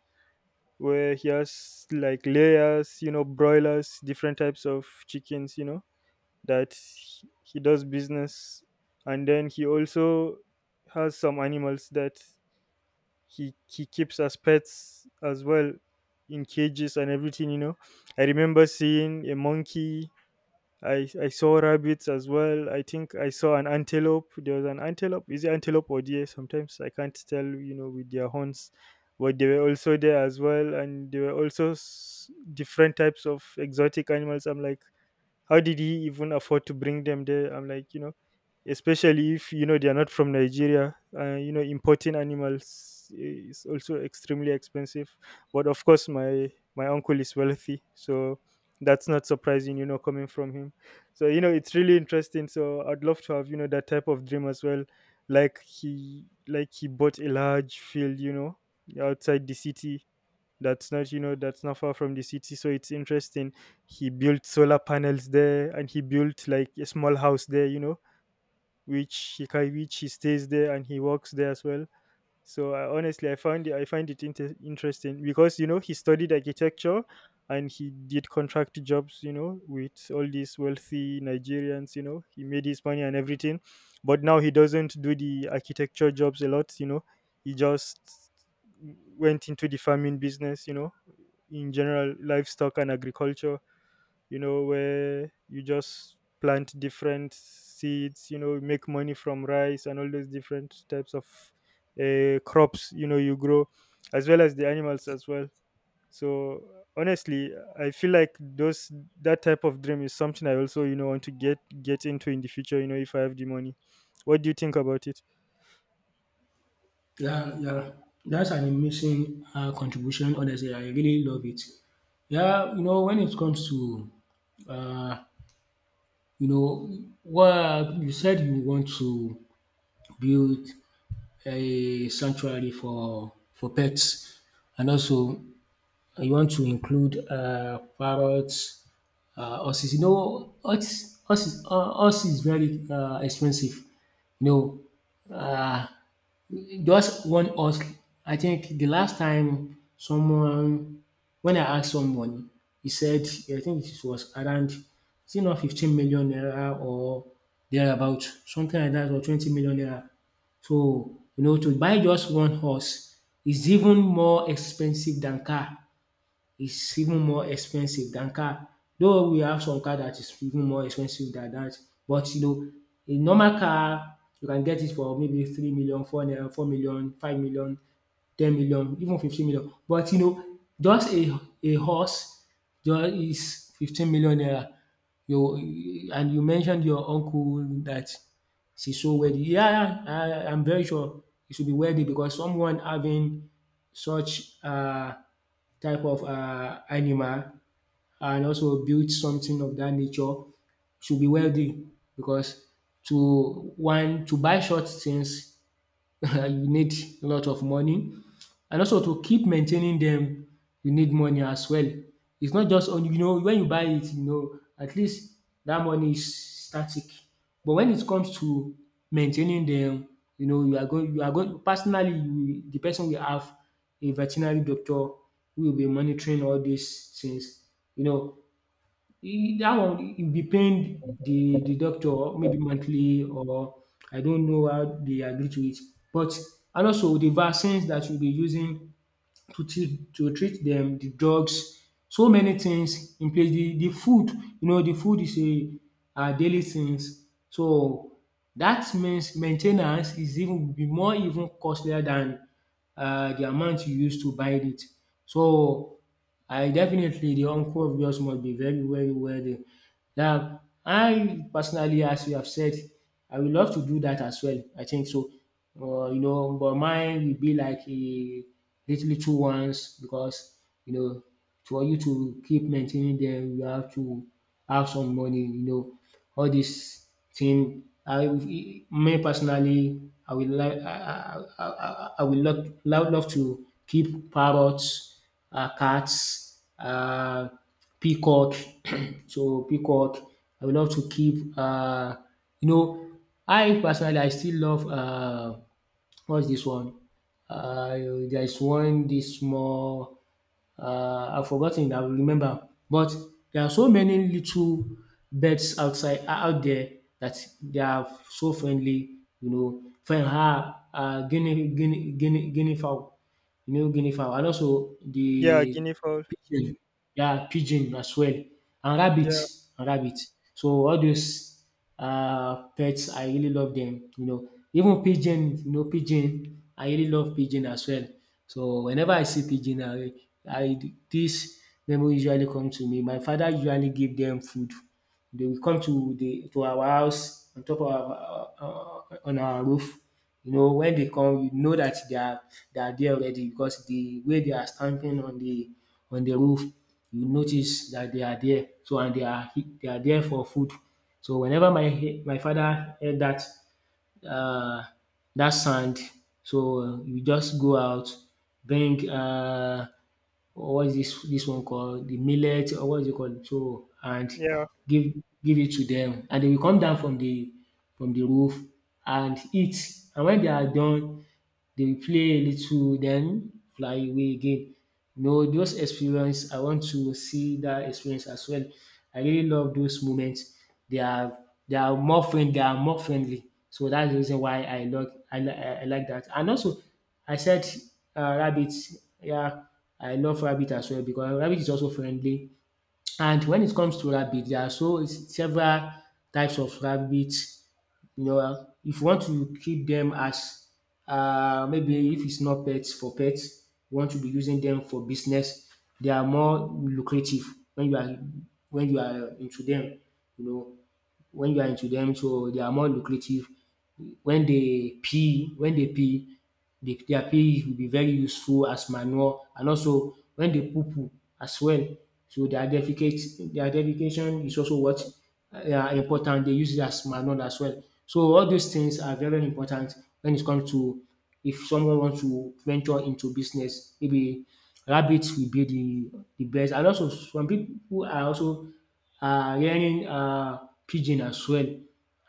S1: where he has like layers, you know, broilers, different types of chickens, you know, that he he does business. And then he also has some animals that he he keeps as pets as well, in cages and everything, you know. I remember seeing a monkey. I I saw rabbits as well. I think I saw an antelope. There was an antelope. Is it antelope or deer? Sometimes I can't tell, you know, with their horns, but they were also there as well. And there were also s- different types of exotic animals. I'm like, how did he even afford to bring them there? I'm like, you know, especially if you know they are not from Nigeria. Uh, you know, importing animals is also extremely expensive. But of course, my my uncle is wealthy, so that's not surprising, you know, coming from him. So, you know, it's really interesting. So I'd love to have, you know, that type of dream as well. Like he, like he bought a large field, you know, outside the city, that's not, you know, that's not far from the city, so it's interesting. He built solar panels there, and he built like a small house there, you know, which he can, which he stays there, and he works there as well. So I, honestly, i found it I find it inter- interesting, because, you know, he studied architecture and he did contract jobs, you know, with all these wealthy Nigerians. You know, he made his money and everything. But now he doesn't do the architecture jobs a lot, you know. He just went into the farming business, you know, in general, livestock and agriculture. You know, where you just plant different seeds, you know, make money from rice and all those different types of, uh, crops, you know, you grow, as well as the animals as well. So, honestly, I feel like those, that type of dream is something I also, you know, want to get get into in the future, you know, if I have the money. What do you think about it?
S2: Yeah, yeah, that's an amazing um contribution, honestly. I really love it. Yeah, you know when it comes to, um you know, what you said you want to build a sanctuary for for pets, and also you want to include uh, parrots, uh, horses. You know, horse, horse, uh, horse is very uh, expensive. You know, uh, just one horse. I think the last time someone, when I asked someone, he said, I think it was around, is it not fifteen million naira or thereabout, something like that, or twenty million naira. So, you know, to buy just one horse is even more expensive than car is even more expensive than car. Though we have some car that is even more expensive than that. But you know, a normal car you can get it for maybe three million, four naira, four million, five million, ten million, even fifteen million. But you know just a a horse just is fifteen million naira. You, and you mentioned your uncle that she's so wealthy. Yeah, yeah, I I'm very sure he should be wealthy because someone having such uh type of uh animal and also build something of that nature should be wealthy, because to one, to buy short things, you need a lot of money, and also to keep maintaining them, you need money as well. It's not just on, you know when you buy it, you know at least that money is static. But when it comes to maintaining them, you know you are going, you are going personally, you, the person will have a veterinary doctor who will be monitoring all these things. You know, E- that one e be paying the the doctor maybe monthly, or I don't know how they agree to it. But, and also the vaccines that you'll be using to treat to treat them, the drugs, so many things in place. The the food, you know the food is a our daily things. So that means maintenance is even be more even costlier than um the amount you used to buy it. So, I definitely, the uncle of yours must be very very wealthy. Yeah, I personally, as you have said, I would love to do that as well. I think so. Uh, you know, but mine will be like a little little ones, because you know, for you to keep maintaining them, you have to have some money. You know, all this thing. I me Personally, I would like I I I, I I would love, love love to keep parrots, uh, cats, uh, peacock. So peacock, I would love to keep. Uh, you know, I personally I still love, uh, what's this one? Uh, there is one this small. Uh, I've forgotten. I will remember. But there are so many little birds outside, uh, out there, that they are so friendly. You know, friend ah, uh, guinea guinea guinea guinea fowl. You know, guinea fowl, and also
S1: Yeah,
S2: the
S1: guinea fowl.
S2: pigeon. Yeah, pigeon as well, and rabbit,
S1: Yeah.
S2: and rabbit. So all those uh, pets, I really love them, you know. Even pigeon, you know, pigeon, I really love pigeon as well. So whenever I see pigeon, I I this memory usually come to me. My father usually give them food. They will come to the to our house on top of our uh, on our roof. You know, when they come, you know that they are, they are there already, because the way they are stamping on the on the roof, you notice that they are there. So and they are, he- they are there for food. So whenever my, he- my father heard that, um dat sand, so you just go out, bring, uh, what is this this one called, the millet or what is it called, so and
S1: Yeah.
S2: give, give it to them, and they will come down from the from the roof and eat. And when they are done, dey play a little, then fly away again. You know those experience I want to see that experience as well. I really love those moments. They are they are more friend they are more friendly. So that's the reason why I love I li- I I like that. And also I said um rabbit, yeah, I love rabbit as well because rabbit is also friendly. And when it comes to rabbit there are so several types of rabbit, you know, uh, if you want to keep them as uh, maybe if it's not pets, for pets, you want to be using them for business, they are more lucrative when you are when you are into them, you know, when you are into them. So they are more lucrative when they pee, when they pee the their pee will be very useful as manure, and also when they poo-poo as well. So their defecate their defecation is also what uh, are important. They use it as manure as well. So all these things are very important when it comes to if someone wants to venture into business. Maybe rabbits will be the the best. And also some people are also are rearing um pigeon as well,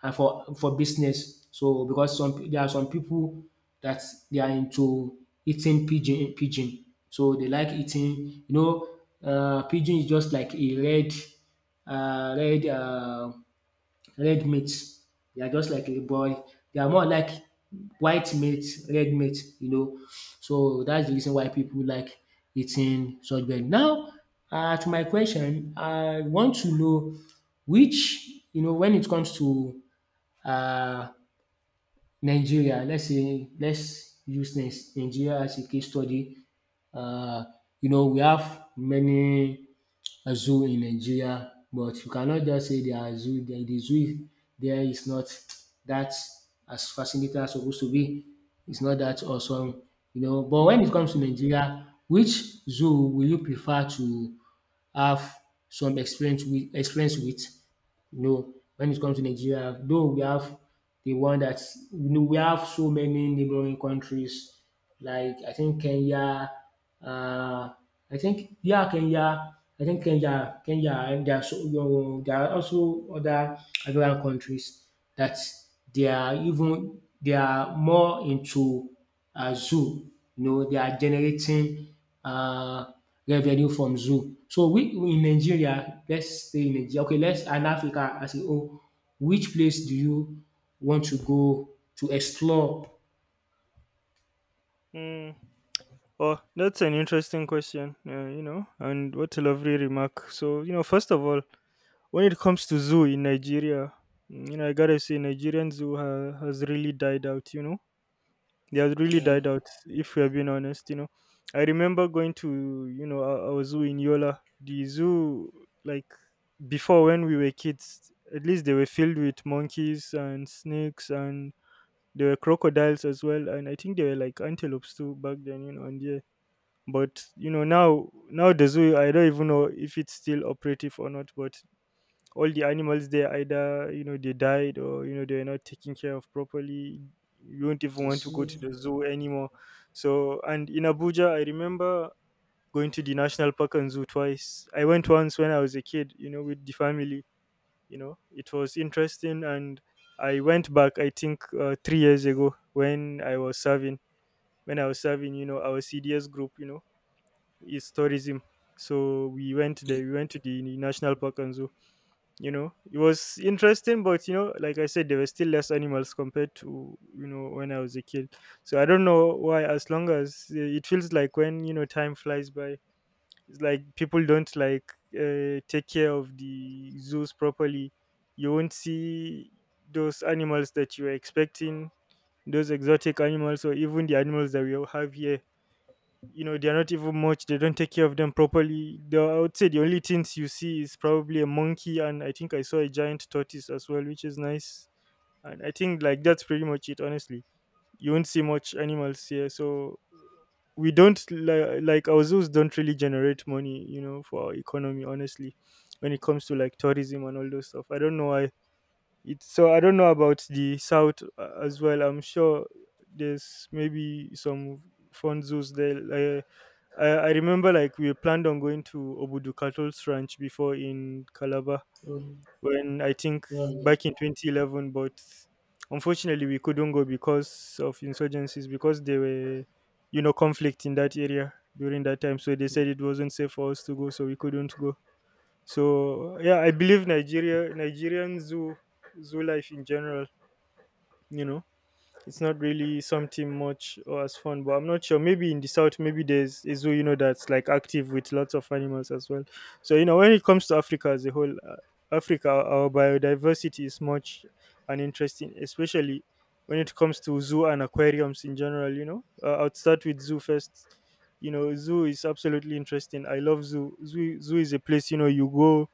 S2: and for for business. So because some pe- there are some people that they are into eating pigeon pigeon. So they like eating, you know, uh, pigeon is just like a red, uh, red uh, red meat. They are just like a boy. They are more like white meat, red meat, you know. So that's the reason why people like eating such bread. Now, uh, to my question, I want to know which, you know, when it comes to, uh, Nigeria. Let's say, let's use Nis- Nigeria as a case study. Uh, you know we have many uh, zoo in Nigeria, but you cannot just say they are zoo. The, the zoo there is not that as fascinating as supposed to be. It's not that awesome, you know. But when it comes to Nigeria, which zoo will you prefer to have some experience with experience with, you know, when it comes to Nigeria. Though we have the one that, you know, we have so many neighboring countries like I think Kenya, uh, I think yeah, Kenya, I think Kenya, Kenya. And there are so, you know, there are also other African countries that they are even they are more into um zoo. You know, they are generating uh revenue from zoo. So we we in Nigeria, let's stay in Nigeria. Okay, let's, and Africa as a whole, which place do you want to go to explore?
S1: Mm. Oh, that's an interesting question, uh, you know, and what a lovely remark. So, you know, first of all, when it comes to zoo in Nigeria, mm, you know, I gotta say, Nigerian zoo ha- has really died out, you know. They have really
S2: Yeah,
S1: died out, if we are being honest, you know. I remember going to, you know, our, our zoo in Yola, the zoo, like before, when we were kids, at least they were filled with monkeys and snakes, and there were crocodiles as well, and I think there were like antelopes too back then, you know. And yeah, but you know, now now the zoo, I don't even know if it's still operative or not. But all the animals there, either you know they died, or you know they are not taken care of properly. You won't even
S2: you
S1: want to go to
S2: see.
S1: the zoo anymore. So, and in Abuja, I remember going to the national park and zoo twice. I went once when I was a kid, you know, with the family. You know, it was interesting. And I went back, I think, uh, three years ago, when I was serving. When I was serving, you know, our C D S group, you know, is tourism. So we went there. We went to the national park and zoo. You know, it was interesting. But you know, like I said, there were still less animals compared to, you know, when I was a kid. So I don't know why. As long as, uh, it feels like when you know time flies by, it's like people don't like, uh, take care of the zoos properly. You won't see those animals that you were expecting, those exotic animals, or even the animals that we have here. You know, they're not even much. They don't take care of them properly. the, I would say the only things you see is probably a monkey, and I think I saw a giant tortoise as well, which is nice. And I think like that's pretty much it, honestly. You won't see much animals here. So we don't li- like our zoos don't really generate money, you know, for our economy, honestly. When it comes to like tourism and all those stuff, I don't know why it. So I don't know about the south, uh, as well. I'm sure there's maybe some fun zoos there. uh, I, I remember like we planned on going to Obudu Cattle's Ranch before in Calabar
S2: Oh,
S1: when I think
S2: well done.
S1: back in twenty eleven, but unfortunately we couldn't go because of insurgencies, because there were, you know, conflict in that area during that time. So they said it wasn't safe for us to go, so we couldn't go. So yeah, I believe Nigeria Nigerian zoo zoo life in general, you know. It's not really something much or as fun, but I'm not sure. Maybe in the south, maybe there's a zoo, you know, that's like active with lots of animals as well. So you know, when it comes to Africa as a whole, uh, Africa, our biodiversity is much and interesting, especially when it comes to zoo and aquariums in general. You know, uh, I'll start with zoo first. You know, zoo is absolutely interesting. I love zoo. Zoo zoo is a place, you know, you go.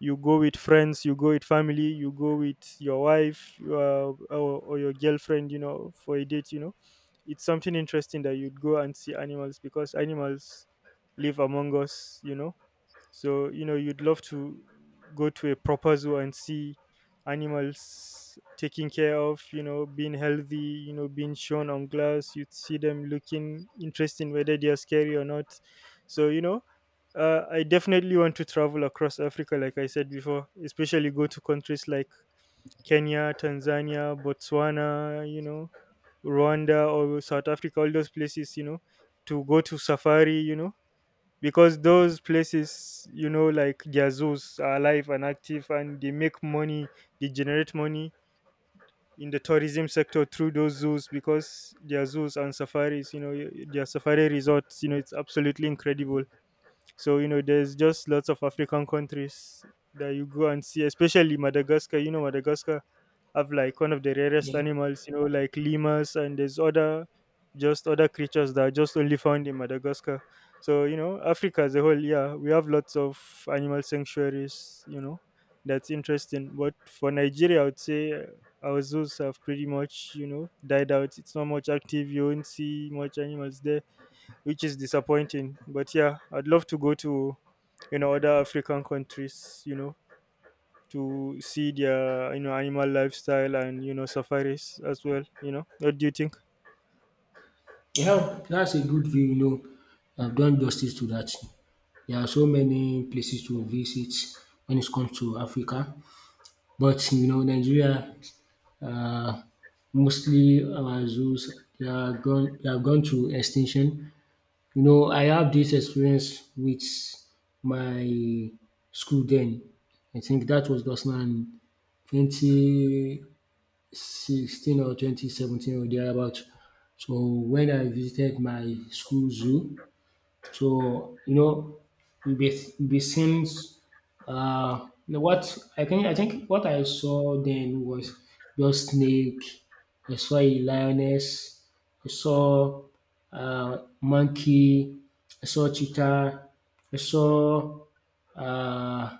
S1: You go with friends, you go with family, you go with your wife, uh, or, or your girlfriend, you know, for a date, you know. It's something interesting that you'd go and see animals, because animals live among us, you know. So you know, you'd love to go to a proper zoo and see animals taken care of, you know, being healthy, you know, being shown on glass. You'd see them looking interesting, whether they are scary or not. So you know, uh, I definitely want to travel across Africa, like I said before, especially go to countries like Kenya, Tanzania, Botswana, you know, Rwanda or South Africa, all those places, you know, to go to safari, you know, because those places, you know, like their zoos are alive and active, and they make money. They generate money in the tourism sector through those zoos, because their zoos and safaris, you know, y- their safari resorts, you know, it's absolutely incredible. So you know, there's just lots of African countries that you go and see, especially Madagascar. You know, Madagascar have like one of the rarest
S2: Yeah.
S1: animals. You know, like lemurs, and there's other just other creatures that are just only found in Madagascar. So you know, Africa as a whole, yeah, we have lots of animal sanctuaries. You know, that's interesting. But for Nigeria, I would say uh, our zoos have pretty much, you know, died out. It's not much active. You won't see much animals there, which is disappointing. But yeah, I'd love to go to, you know, other African countries, you know, to see their, you know, animal lifestyle and, you know, safaris as well. You know, what do you think?
S2: Yeah, that's a good view, you know. I've done justice to that. There are so many places to visit when it comes to Africa. But, you know, Nigeria, uh, mostly our zoos, they are gone, they have gone to extinction. You know, I have this experience with my school then. I think that was just now in twenty, sixteen or twenty seventeen, or thereabout. So when I visited my school zoo, so you know, you'll be you'll be seeing, uh you know, what I can I think what I saw then was just snake, I saw a lioness, I saw uh monkey, I saw cheetah, I saw uh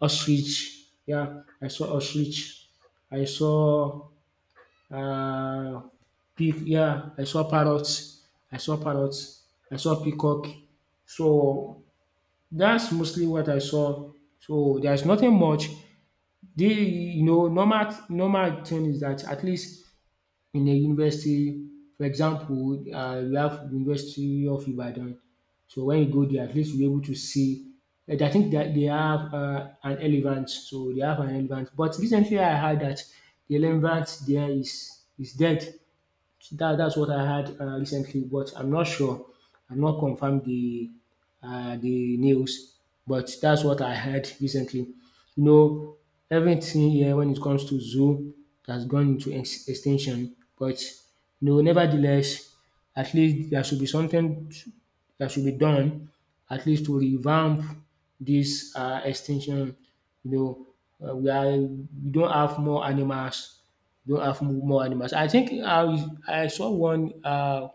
S2: ostrich, yeah, I saw ostrich, I saw, uh, pig. Yeah, I saw parrots. I saw parrots. I saw peacock. So that's mostly what I saw. So there's nothing much. The, you know, normal normal thing is that at least in a university, for example, uh, we have University of Ibadan. So when you go there, at least you're able to see. And I think that they have uh, an elephant. So they have an elephant. But recently I heard that the elephant there is is dead. That that's what I heard, uh, recently, but I'm not sure. I'm not confirmed the uh, the news, but that's what I heard recently. You know, everything here when it comes to zoo has gone into ex- extinction. But you know, nevertheless, at least there should be something t- that should be done, at least to revamp this, uh, extinction. You know, uh, we are we don't have more animals, don't have more animals. I think I I saw one, uh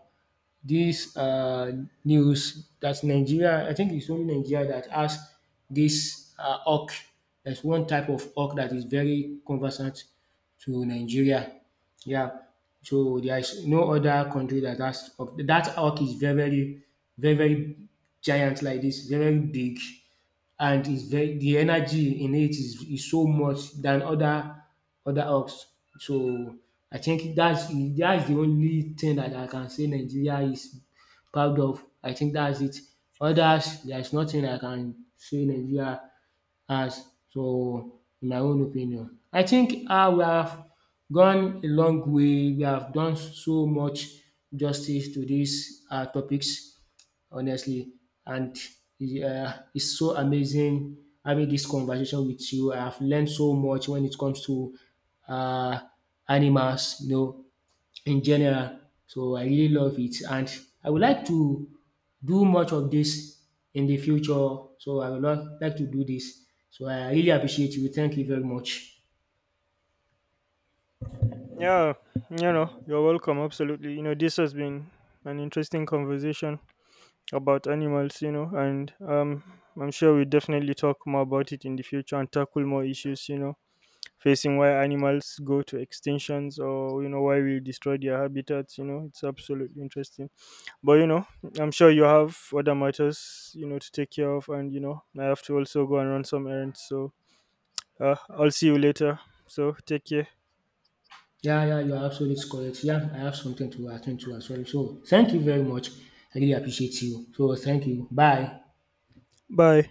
S2: this uh news, that Nigeria, I think it's only Nigeria that has this, uh hawk. There's one type of hawk that is very conversant to Nigeria. Yeah. So there is no other country that has hawk. That hawk is very very very very giant like this, very big, and it's very, the energy in it is is so much than other other hawks. So I think that's that's the only thing that I can say Nigeria is proud of. I think that's it. Others, there's nothing I can say Nigeria has. So in my own opinion, I think um we have gone a long way. We have done so much justice to these um topics, honestly. And yeah, it's so amazing having this conversation with you. I have learned so much when it comes to, uh, animals, you know, in general. So I really love it, and I would like to do much of this in the future. So I would lo- like to do this. So I really appreciate you. Thank you very much.
S1: Yeah, you know, you're welcome. Absolutely. You know, this has been an interesting conversation about animals. You know, and um, I'm sure we definitely talk more about it in the future and tackle more issues. You know, facing why animals go to extinctions, or you know, why we destroy their habitats. You know, it's absolutely interesting. But you know, I'm sure you have other matters, you know, to take care of, and you know, I have to also go and run some errands. So uh, I'll see you later. So take care.
S2: Yeah, yeah, you are absolutely correct. Yeah, I have something to attend to as well. So thank you very much. I really appreciate you. So thank you. Bye.
S1: Bye.